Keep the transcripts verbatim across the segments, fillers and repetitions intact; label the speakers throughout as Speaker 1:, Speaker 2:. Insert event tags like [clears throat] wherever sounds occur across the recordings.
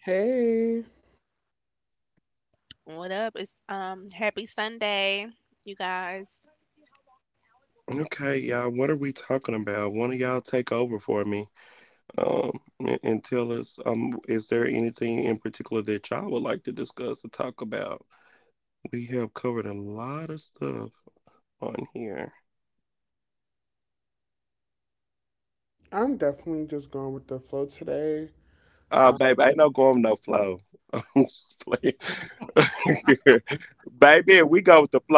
Speaker 1: Hey,
Speaker 2: What up? It's um happy Sunday, you guys.
Speaker 1: I'm definitely just going with the flow today. Um,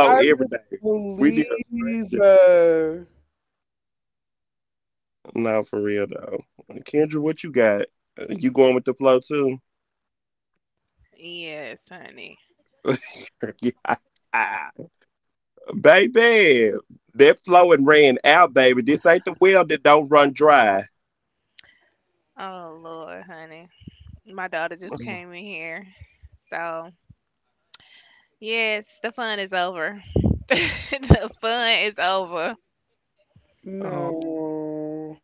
Speaker 1: Jarvis, please. Uh,
Speaker 2: Yes, honey. Oh Lord, honey. My daughter just came in here. So yes, the fun is over. [laughs] The fun is over.
Speaker 1: no.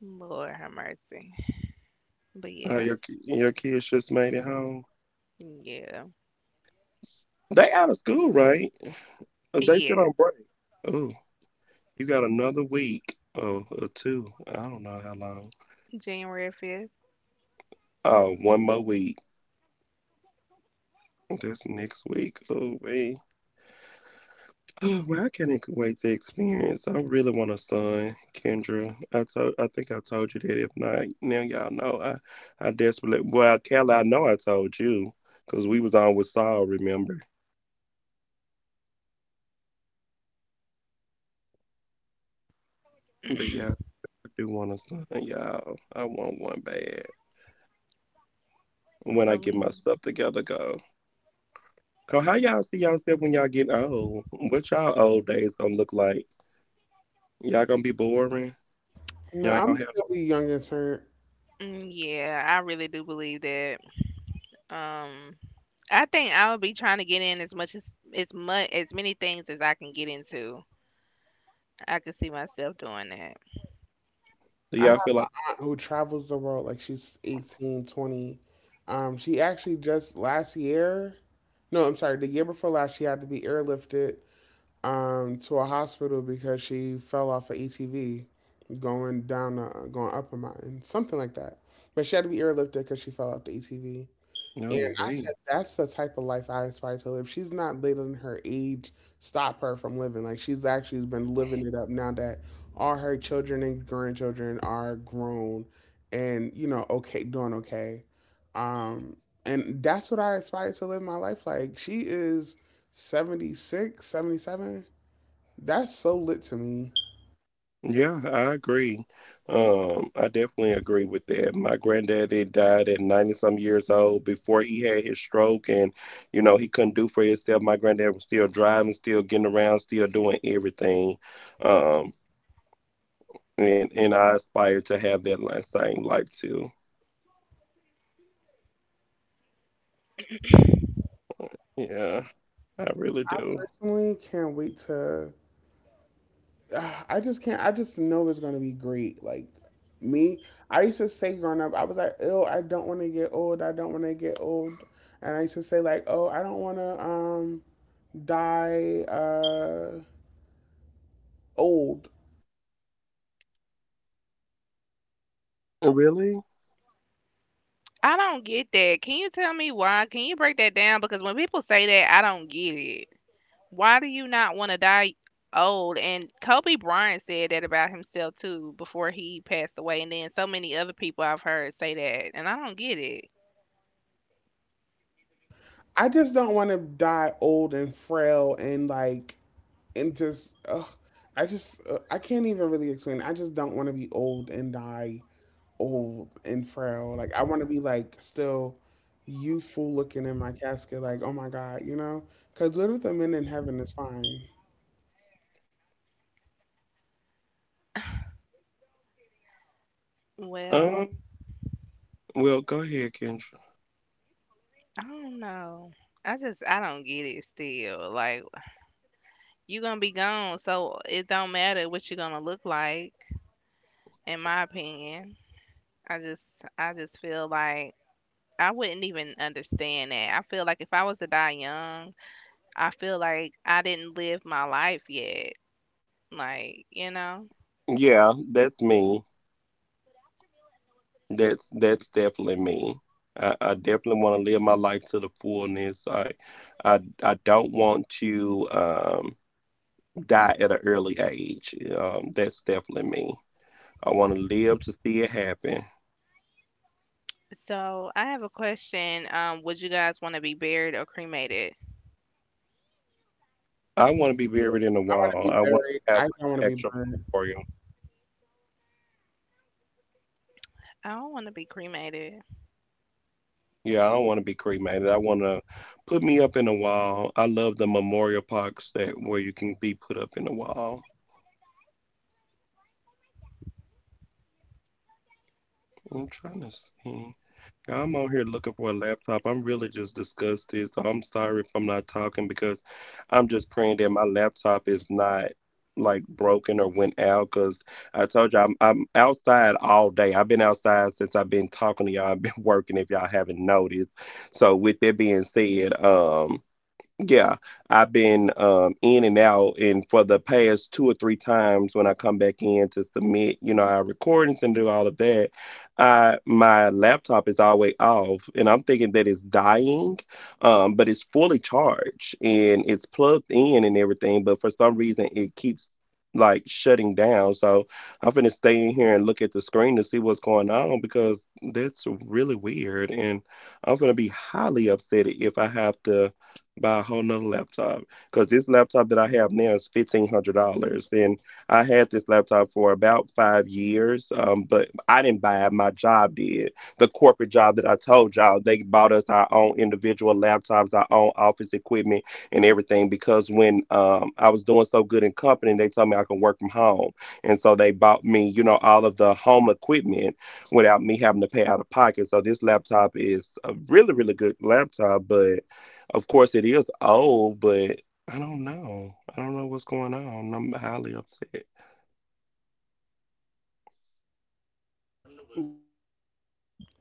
Speaker 2: Lord have mercy. But yeah, yeah, yeah. January fifth. I mean,
Speaker 1: No, I'm still a young intern.
Speaker 2: mm, yeah, I really do believe that. Um, I think I would be trying to get in as much as as much as many things as I can get into. I could see myself doing that.
Speaker 1: I have an aunt who travels the world like she's eighteen, twenty. Um, she actually just last year, no, I'm sorry, the year before last, she had to be airlifted um, to a hospital because she fell off an A T V going down, a, going up a mountain, something like that. But she had to be airlifted because she fell off the A T V. And I said, that's the type of life I aspire to live. She's not letting her age stop her from living. Like, she's actually been living it up now that all her children and grandchildren are grown and, you know, okay, doing okay. Um, and that's what I aspire to live my life like. She is seventy six, seventy seven. That's so lit to me. Personally, can't wait to. [sighs] Uh, I just can't. I just know it's gonna be great. Like me, I used to say growing up, I was like, "Oh, I don't want to get old. I don't want to get old." And I used to say like, "Oh, I don't want to um die uh old.
Speaker 2: I don't get that. Can you tell me why? Can you break that down? Because when people say that, I don't get it. Why do you not want to die old? And Kobe Bryant said that about himself too before he passed away. And then so many other people I've heard say that. And I don't get it.
Speaker 1: I just don't want to die old and frail and like and just ugh. I just uh, I can't even really explain. It. I just don't want to be old and die." Old and frail. Like I want to be like still youthful looking in my casket. Like oh my god, you know? Because what if the men in heaven is fine?
Speaker 2: Well, I don't know. I just I don't get it still. Like, you are gonna be gone, so it don't matter what you're gonna look like, in my opinion. I just I just feel like I wouldn't even understand that. I feel like if I was to die young, I feel like I didn't live my life yet. Like, you know? So I have a question. Um, would you guys want to be buried or cremated?
Speaker 1: I want to be buried. I don't want to be burned.
Speaker 2: I don't want to be cremated.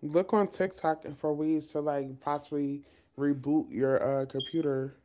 Speaker 1: Look on TikTok for ways to like possibly reboot your uh, computer.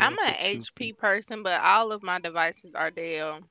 Speaker 2: I'm an H P person, but all of my devices are Dell.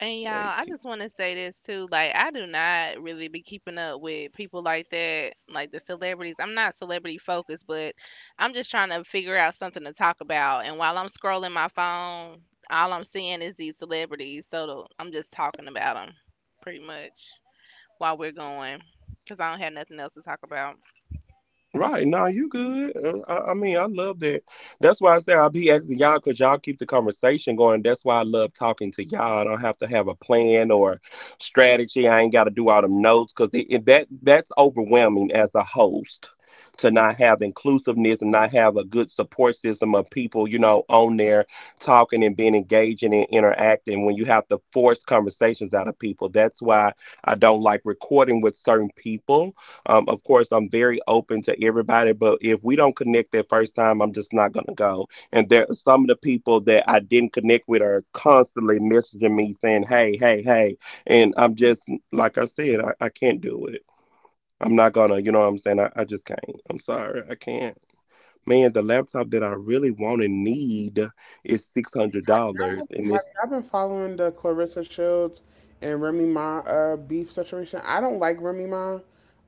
Speaker 2: And y'all, I just want to say this too. Like, I do not really be keeping up with people like that, like the celebrities. I'm not celebrity focused, but I'm just trying to figure out something to talk about. And while I'm scrolling my phone, all I'm seeing is these celebrities. So the- I'm just talking about them pretty much while we're going because I don't have nothing else to talk about.
Speaker 1: Have y'all been following the Clarissa Shields and Remy Ma uh, beef situation? I don't like Remy Ma.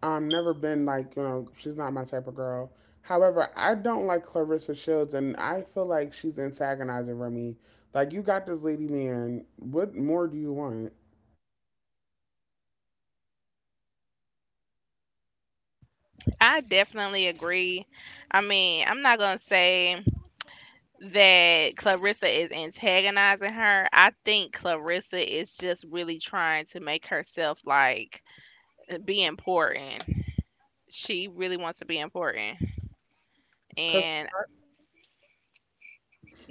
Speaker 1: Um, never been, like, you know, she's not my type of girl. However, I don't like Clarissa Shields, and I feel like she's antagonizing Remy. Like you got this lady, man. What more do you want?
Speaker 2: I definitely agree. I mean, I'm not going to say that Clarissa is antagonizing her. I think Clarissa is just really trying to make herself like be important. She really wants to be important.
Speaker 1: Cause
Speaker 2: And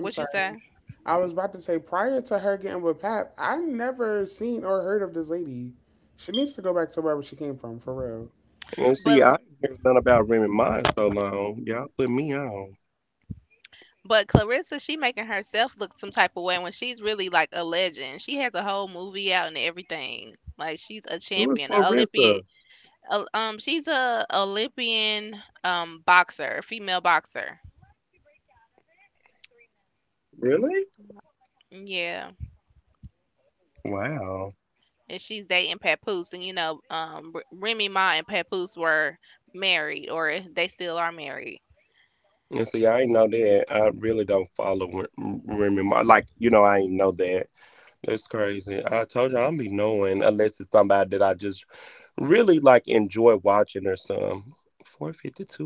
Speaker 1: I'm
Speaker 2: you
Speaker 1: sorry,
Speaker 2: say?
Speaker 1: I was about to say prior to her getting with Pap, I never seen or heard of this lady. She needs to go back to wherever she came from, for real.
Speaker 2: But but Clarissa, she making herself look some type of way when she's really like a legend. She has a whole movie out and everything. Like she's a champion, a Olympian. A- Um, she's a Olympian um boxer, female boxer. Yeah. And she's dating Papoose, and you know, um, R- Remy Ma and Papoose were married, or they still are married.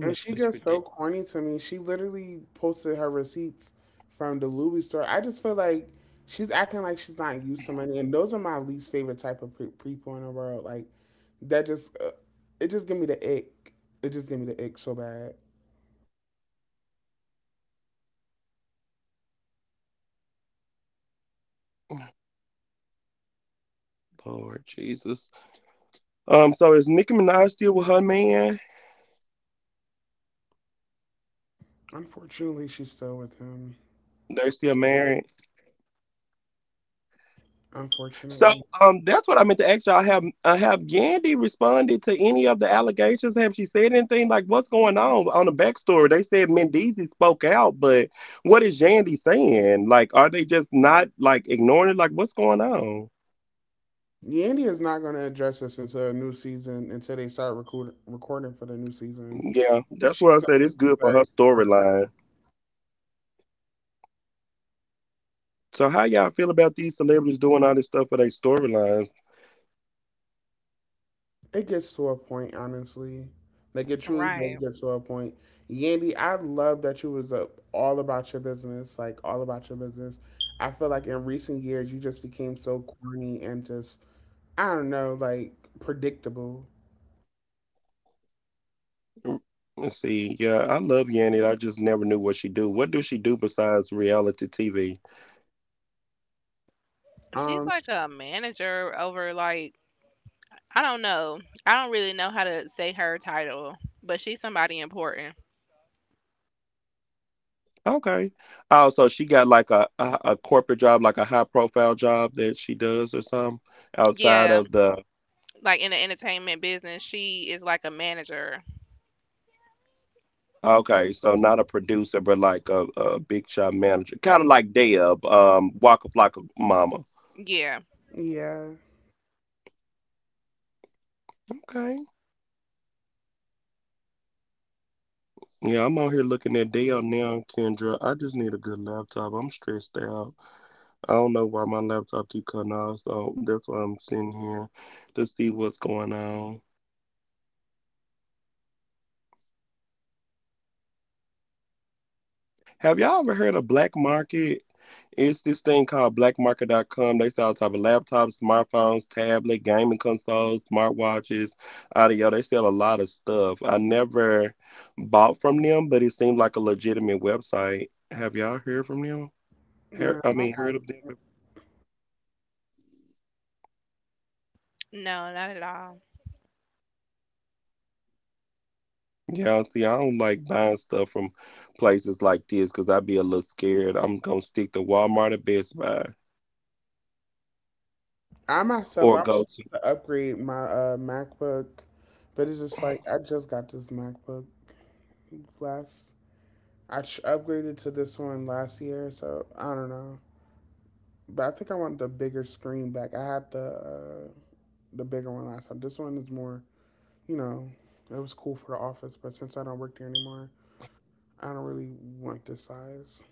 Speaker 1: And she just so corny to me. She literally posted her receipts from the Louis store. I just feel like she's acting like she's not used to money, and those are my least favorite type of pre- people in the world. Like that just uh, it just give me the ick. It just give me the ick so bad. Unfortunately, she's still with him. Unfortunately, Yandy is not going to address this until a new season. Until they start recording recording for the new season. She's it gets to a point, honestly. Like it truly does
Speaker 2: Right.
Speaker 1: get to a point. Yandy, I love that you was up all about your business, like all about your business. I feel like in recent years you just became so corny and just I don't know, like predictable.
Speaker 2: She's
Speaker 1: Um,
Speaker 2: like a manager over like, I don't know. I don't really know how to say her title, but she's somebody important. Yeah, like in the entertainment business, she is like a manager. Yeah.
Speaker 1: yeah, no.
Speaker 2: No, not at all.
Speaker 1: I myself i want to upgrade my uh MacBook, but it's just like I just got this MacBook last. I ch- upgraded to this one last year, so I don't know. But I think I want the bigger screen back. I had the uh, the bigger one last time. This one is more, you know, it was cool for the office, but since I don't work there anymore, I don't really want this size.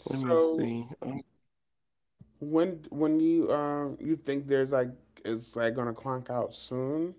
Speaker 1: So when when you um you think there's like it's like gonna clonk out soon.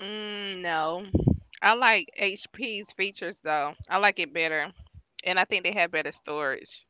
Speaker 2: Mm, no. I like H P's features though. I like it better. And I think they have better storage.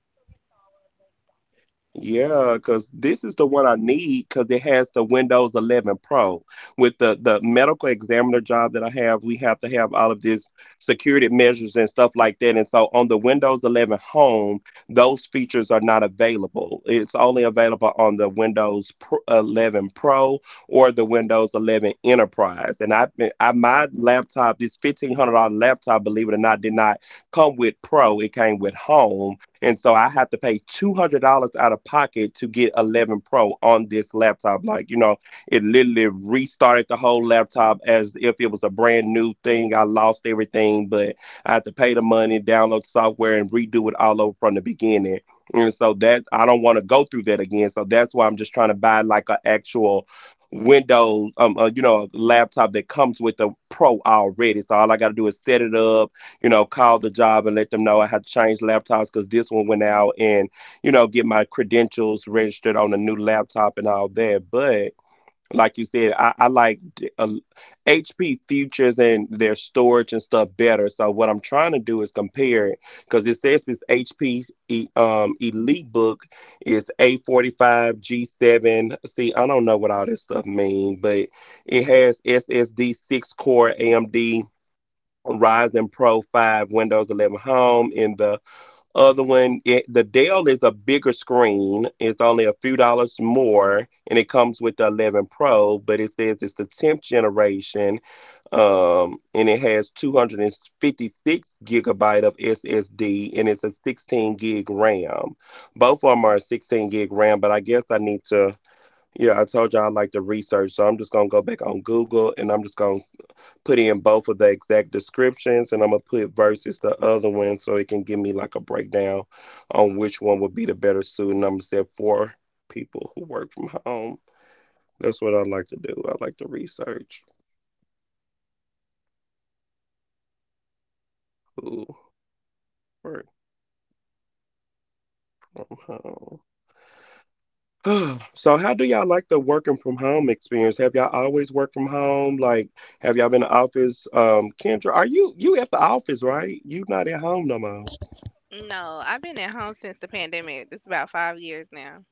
Speaker 2: No, I've been at home since the pandemic. It's about five years now.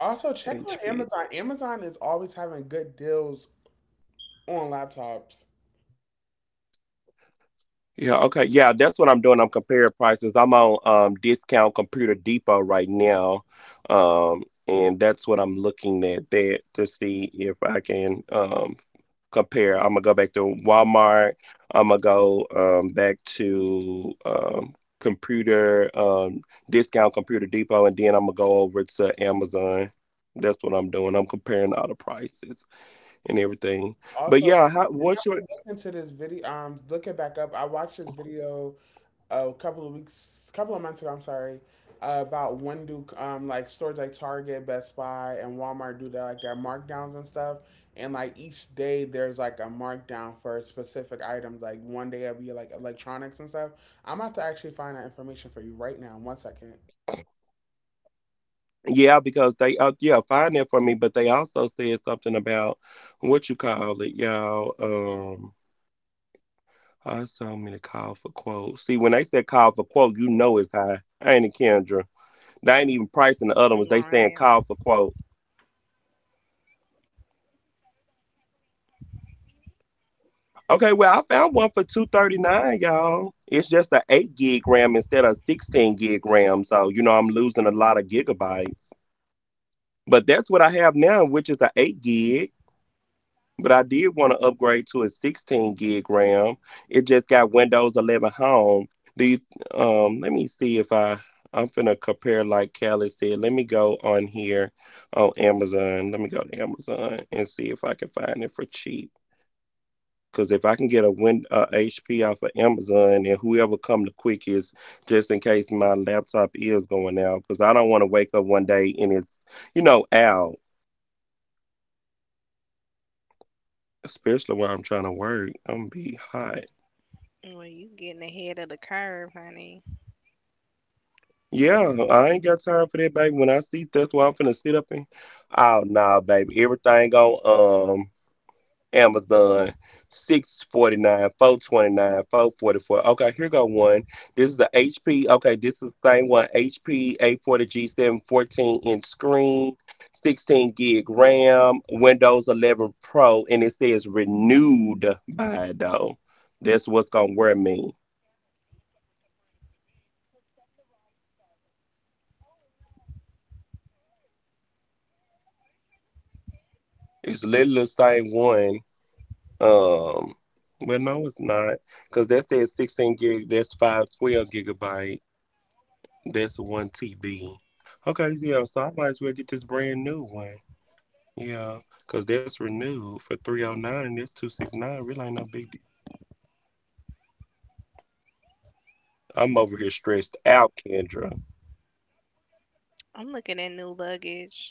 Speaker 1: Also check on Amazon. Amazon is always having good deals on laptops. Also, I have to look into this video. Um, look it back up. I watched this video a couple of weeks, couple of months ago. I'm sorry. Uh, about when do um like stores like Target, Best Buy, and Walmart do that like their markdowns and stuff. And like each day there's like a markdown for specific items. Like one day it'll be like electronics and stuff. I'm about to actually find that information for you right now. One second.
Speaker 2: Right. Well, you getting ahead of the curve, honey. I'm looking at new luggage.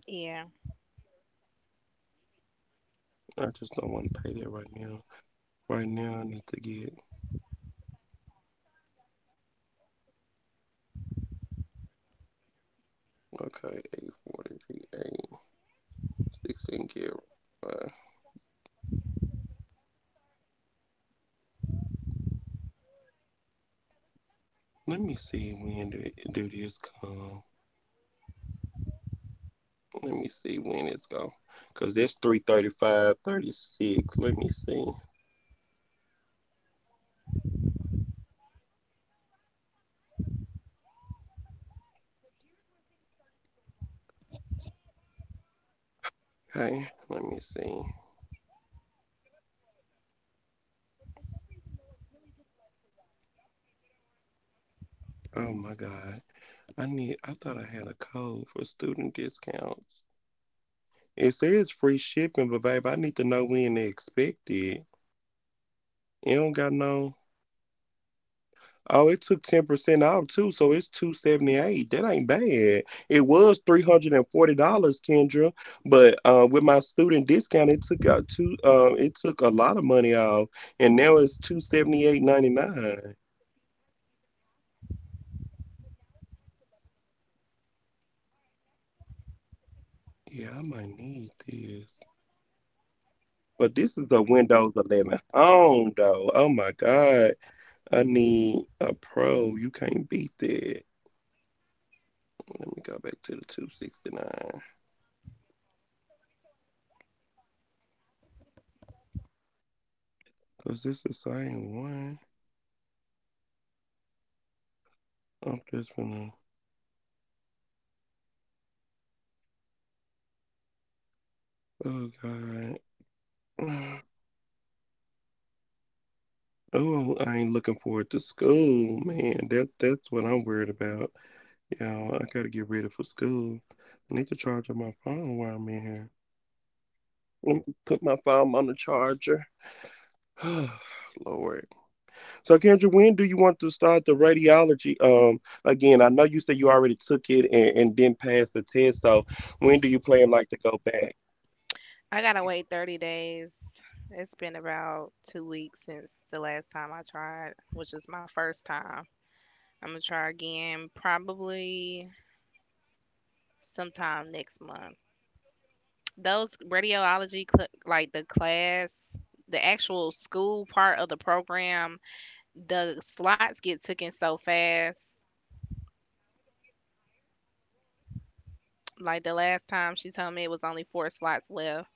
Speaker 2: Yeah. I gotta wait thirty days. It's been about two weeks since the last time I tried, which is my first time. I'm gonna try again probably sometime next month. Those radiology, cl- like the class, the actual school part of the program, the slots get taken so fast. Like the last time she told me it was only four slots left.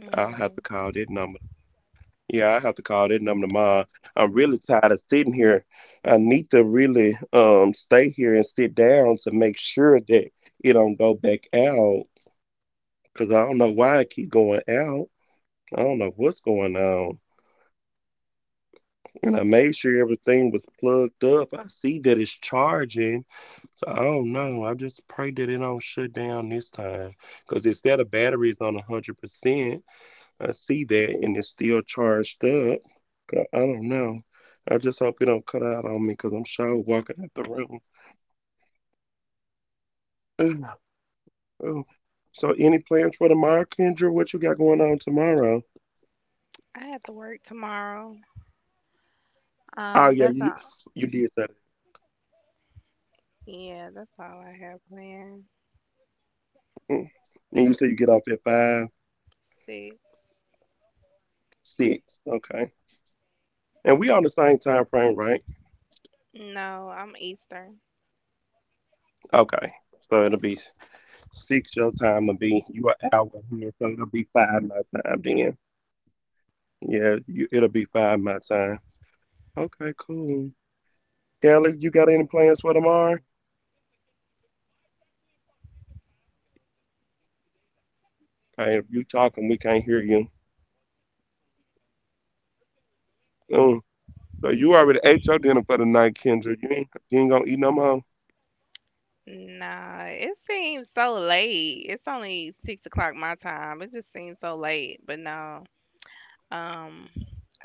Speaker 2: Mm, I have to work tomorrow. Um, that's all. Yeah, that's all I have planned. Six. No, I'm Eastern. Nah, it seems so late. It's only six o'clock my time. It just seems so late. But no, um,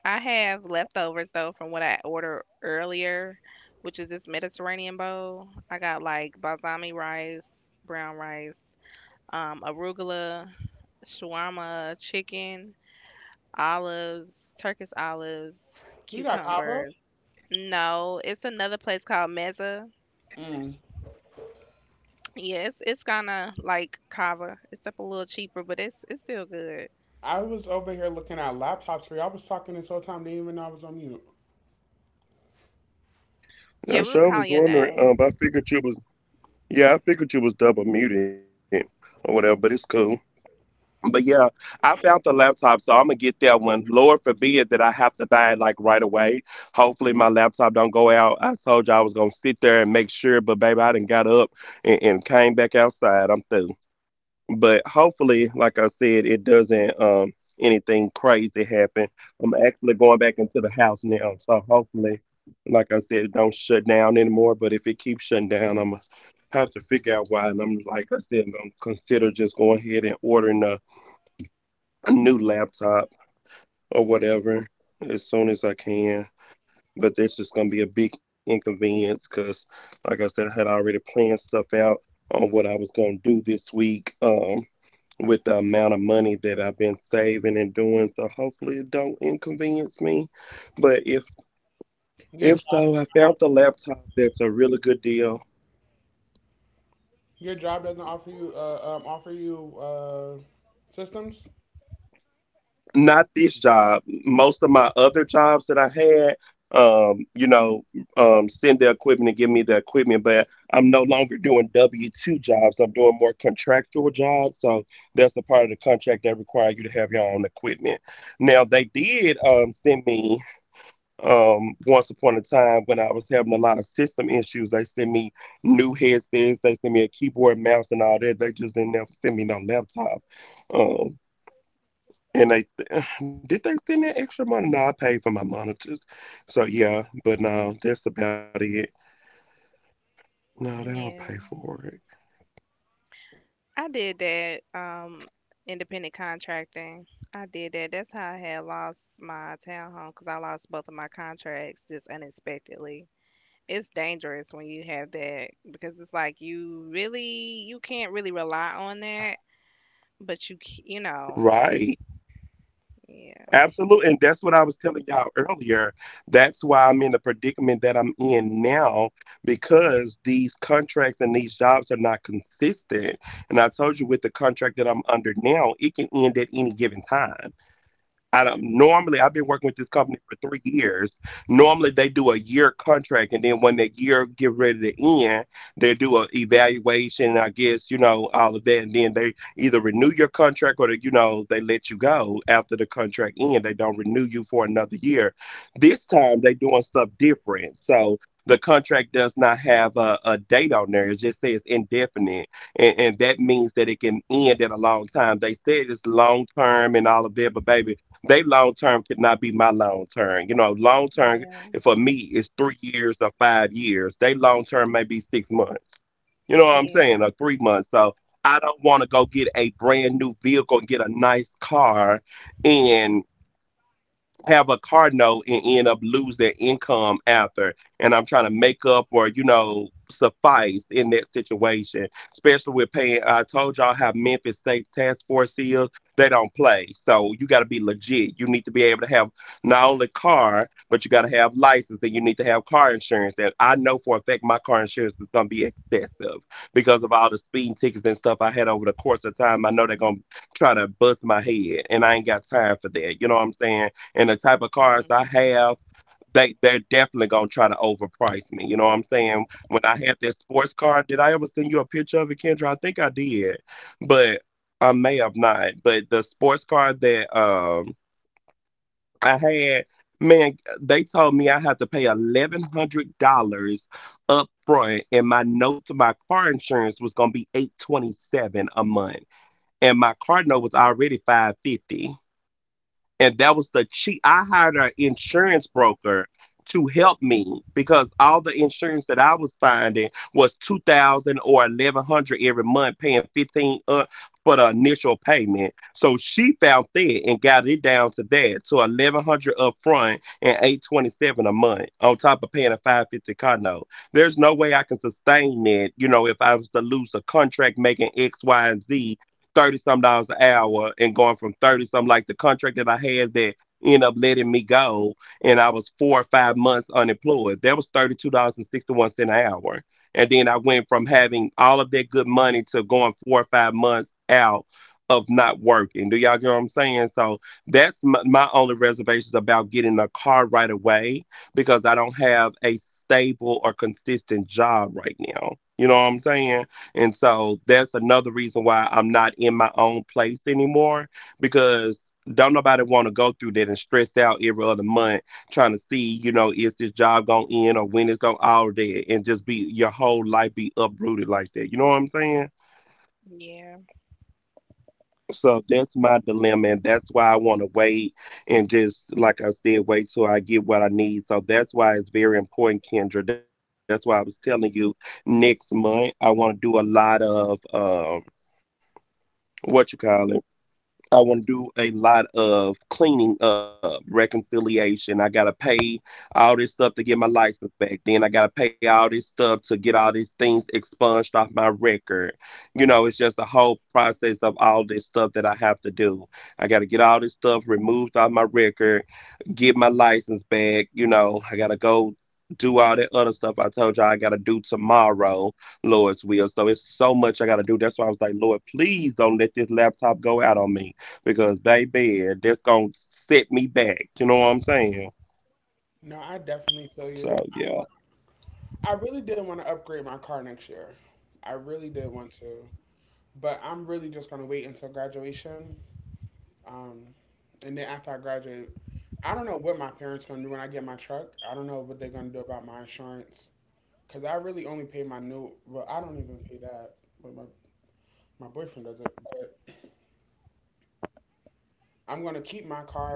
Speaker 2: I have leftovers though from what I ordered earlier, which is this Mediterranean bowl. I got like balsami rice, brown rice, um, arugula, shawarma, chicken, olives, Turkish olives,
Speaker 1: You got Cabo?
Speaker 2: cucumbers. No, it's another place called Meza.
Speaker 1: Mm.
Speaker 2: Yeah, it's it's kinda like Kava, except a little cheaper, but it's it's still good.
Speaker 1: I was over here looking at laptops for you. I was talking this whole time. They didn't even know I was on mute.
Speaker 2: Yeah, we was calling your name.
Speaker 1: Your job, your job doesn't offer you uh, um, offer you uh, systems.
Speaker 2: Yeah. I did that um independent contracting. I did that. That's how I had lost my townhome because I lost both of my contracts just unexpectedly. It's dangerous when you have that because it's like you really you can't really rely on that, but you c- you know yeah, hmm, yeah, yeah, hmm, yeah,
Speaker 1: No, I definitely feel you. I I really did want to upgrade my car next year. I really did want to, but I'm really just gonna wait until graduation. Um, and then after I graduate, I don't know what my parents gonna do when I get my truck. I don't know what they're gonna do about my insurance because I really only pay my new. Well, I don't even pay that, but my my boyfriend does it. But I'm gonna keep my car.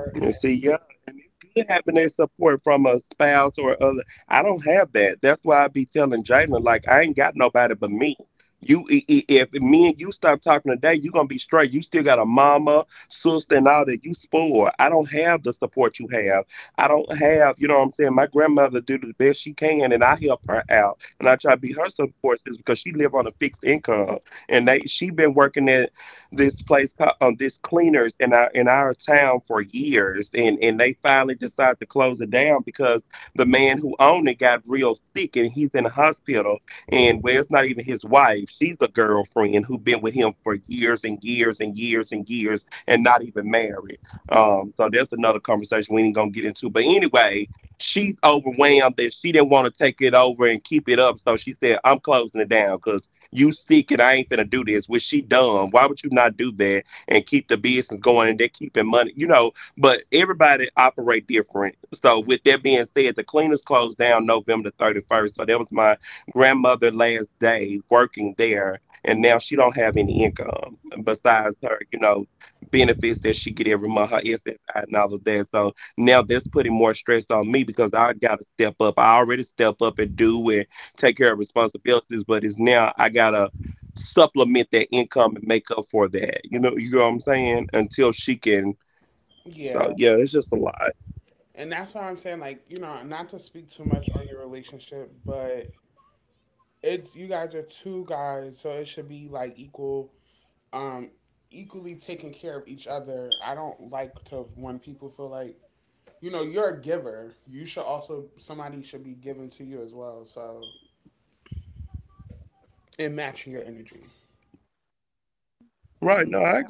Speaker 1: Yeah, and that's why I'm saying, like, you know, not to speak too much on your relationship, but it's you guys are two guys, so it should be like equal, um, equally taking care of each other. I don't like to when people feel like, you know, you're a giver. You should also somebody should be given to you as well. So and matching your energy.
Speaker 2: yeah.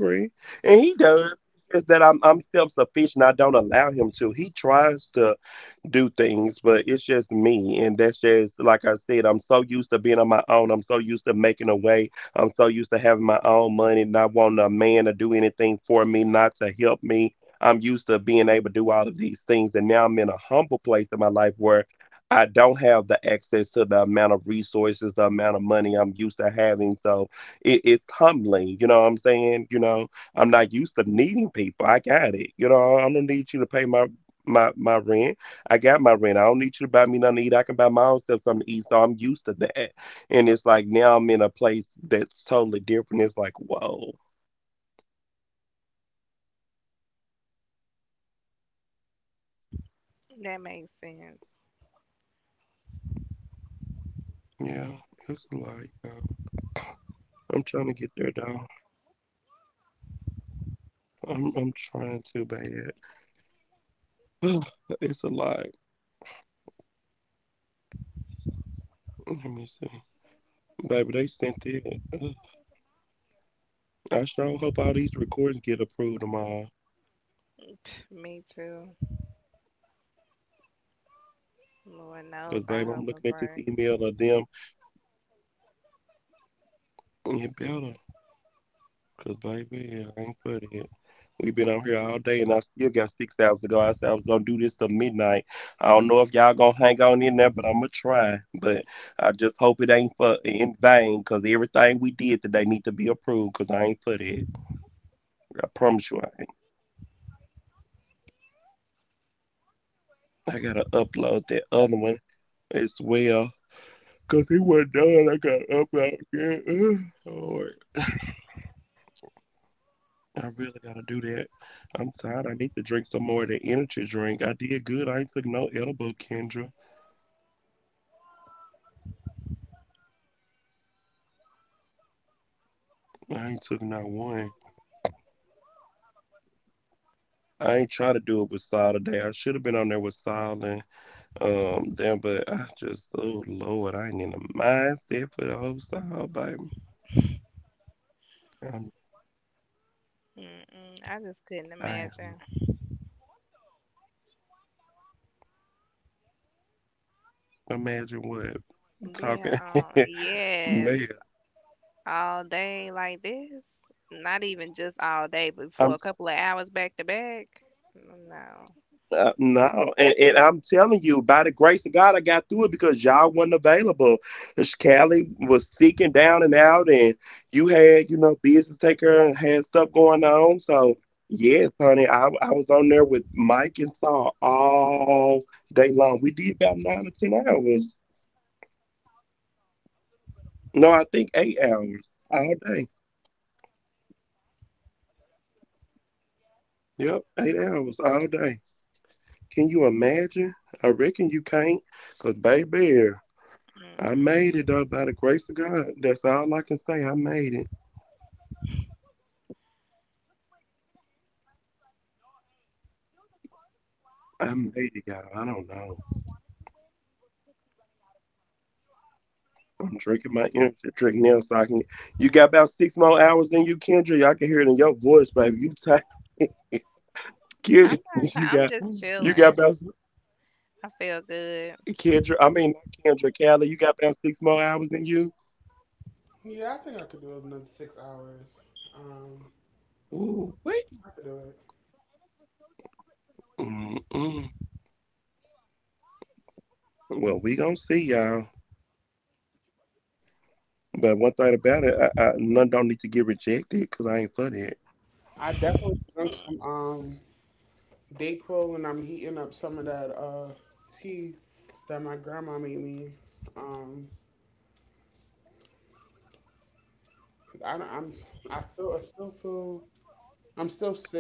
Speaker 2: That makes sense. [tsk] Me too. Lord knows I hope and pray. Mm-mm, I just couldn't imagine. Being on, yes, all day like this. Not even just all day, but for a couple of hours back to back. No, mm-mm. I'm not. T- I'm just chilling. I feel good.
Speaker 1: Yeah, I think I could do another six hours. Um, I could do it. I definitely drunk some um Dayquil and I'm heating up some of that uh tea that my grandma made me. Um, 'cause I don't, I'm I feel I still feel I'm still sick.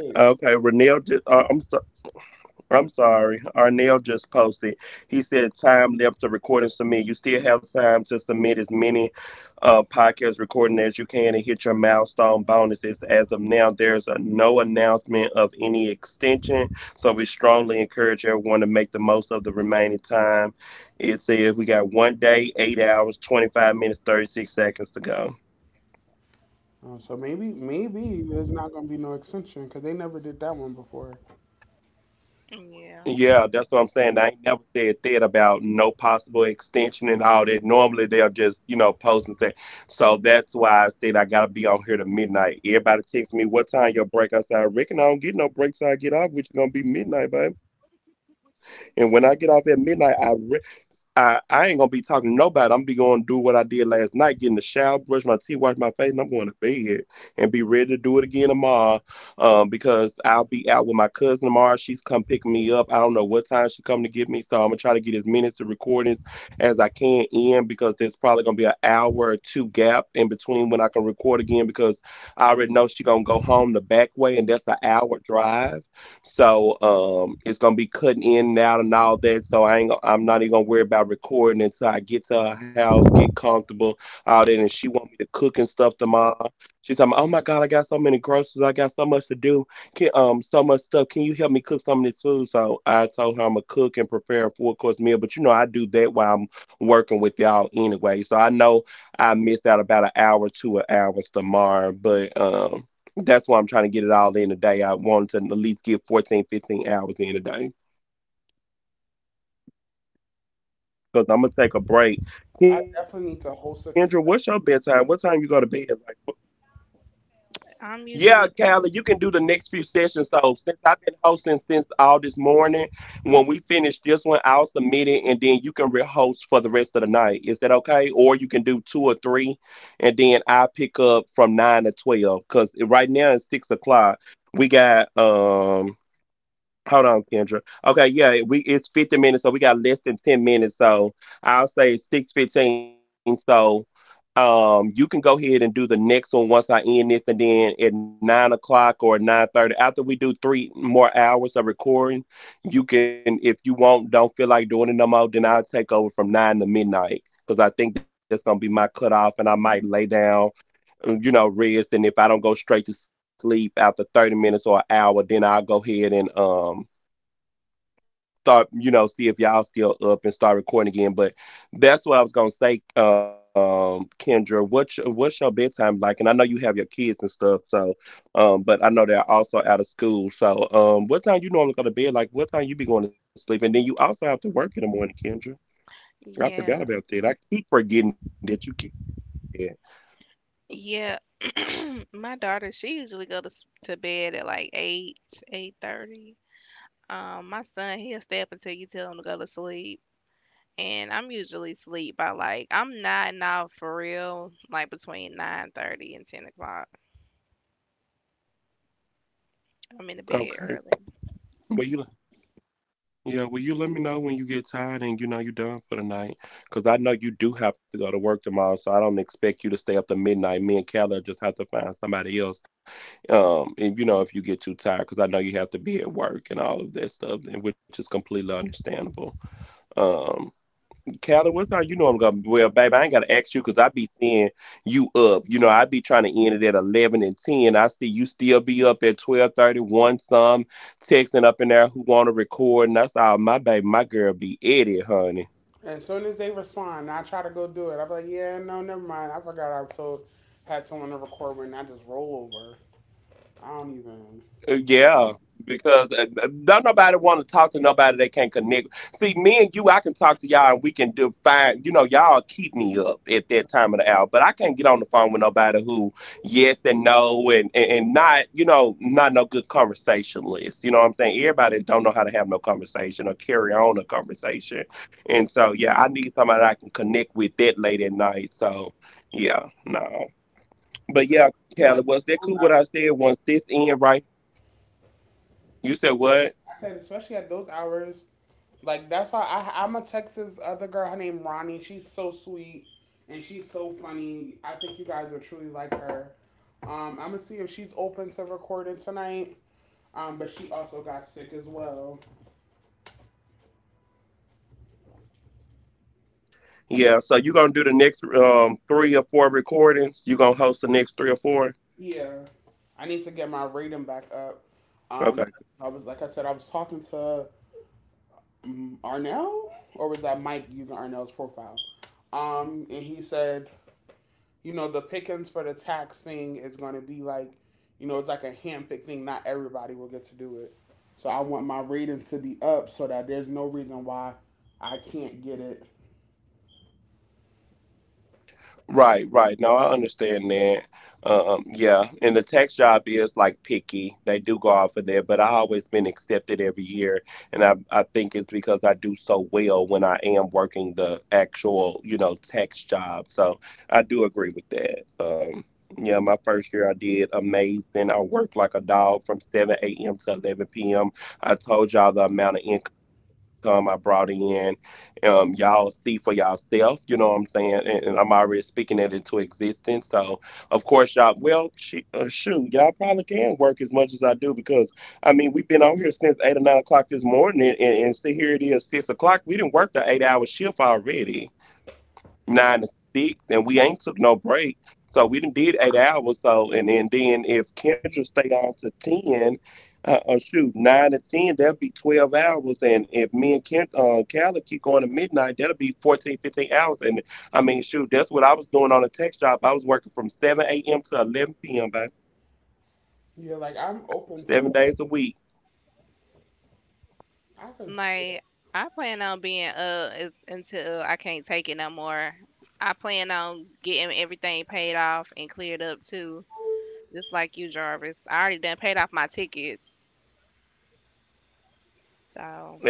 Speaker 1: Oh, so maybe maybe there's not gonna be no extension because they never did that one before.
Speaker 2: Yeah,
Speaker 1: I definitely need to host a few. Sessions.
Speaker 2: I'm usually. Yeah, yeah. [clears throat] My daughter, she usually go to s- to bed at like eight, eight thirty. Um, my son, he'll stay up until you tell him to go to sleep. And I'm usually asleep by like, I'm nodding off for real, like between nine thirty and ten o'clock. I'm in the bed early.
Speaker 1: And as soon as they respond, I try to go do it. I'm like, yeah, no, never mind. I forgot I told had someone to record when I just roll over. I don't even. Said, especially at those hours. Like that's why I I'm a Texas other girl. Her name Ronnie. She's so sweet and she's so funny. I think you guys would truly like her. Um, I'm gonna see if she's open to recording tonight. Um, but she also got sick as well. Yeah, I need to get my rating back up. Um, I was like I said, I was talking to mm, Arnell, or was that Mike using Arnell's profile? Um, and he said, you know, the pickings for the tax thing is going to be like, you know, it's like a handpicked thing. Not everybody will get to do it. So I want my rating to be up so that there's no reason why I can't get it. Yeah, like I'm open to. I could see that.
Speaker 2: Like, I plan on being up is until I can't take it no more. I plan on getting everything paid off and cleared up too, just like you, Jarvis. I already done paid off my tickets. So,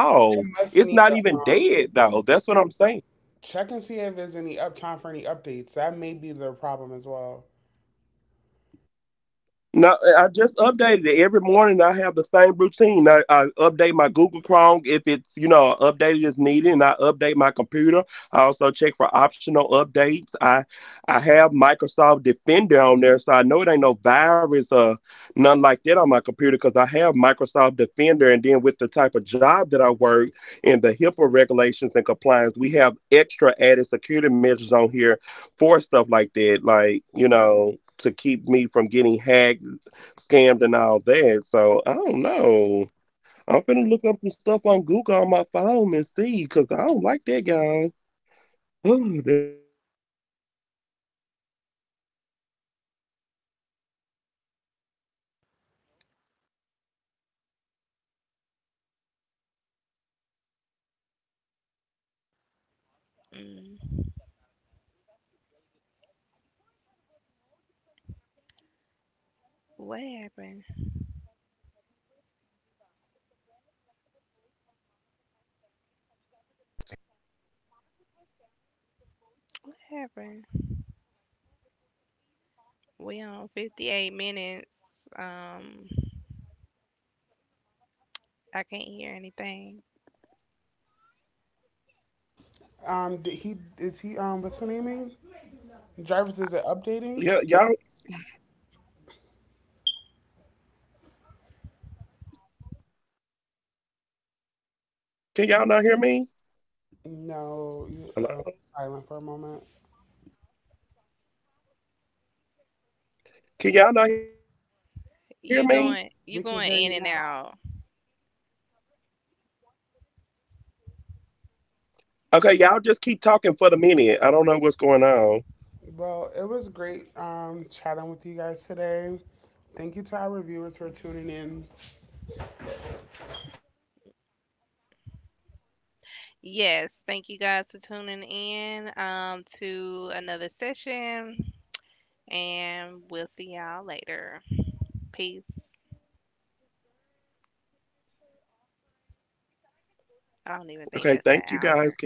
Speaker 1: It must need a um, check and see if there's any uptime for any updates. That may be the problem as well.
Speaker 2: mm, what happened? What happened? We on fifty-eight minutes. Um, I can't hear anything.
Speaker 1: Um, did he is he um what's the naming? Jarvis, is it updating? No, you um, silent for a moment.
Speaker 2: You're
Speaker 1: We
Speaker 2: going
Speaker 1: can
Speaker 2: you're
Speaker 1: hear you
Speaker 2: going in
Speaker 1: now.
Speaker 2: and out.
Speaker 1: Well, it was great um, chatting with you guys today. Thank you to our viewers for tuning in.
Speaker 2: Yes, thank you guys for tuning in um to another session and we'll see y'all later. Peace. I don't even think that's an hour.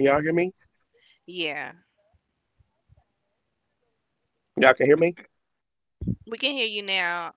Speaker 2: Yeah. We can hear you now.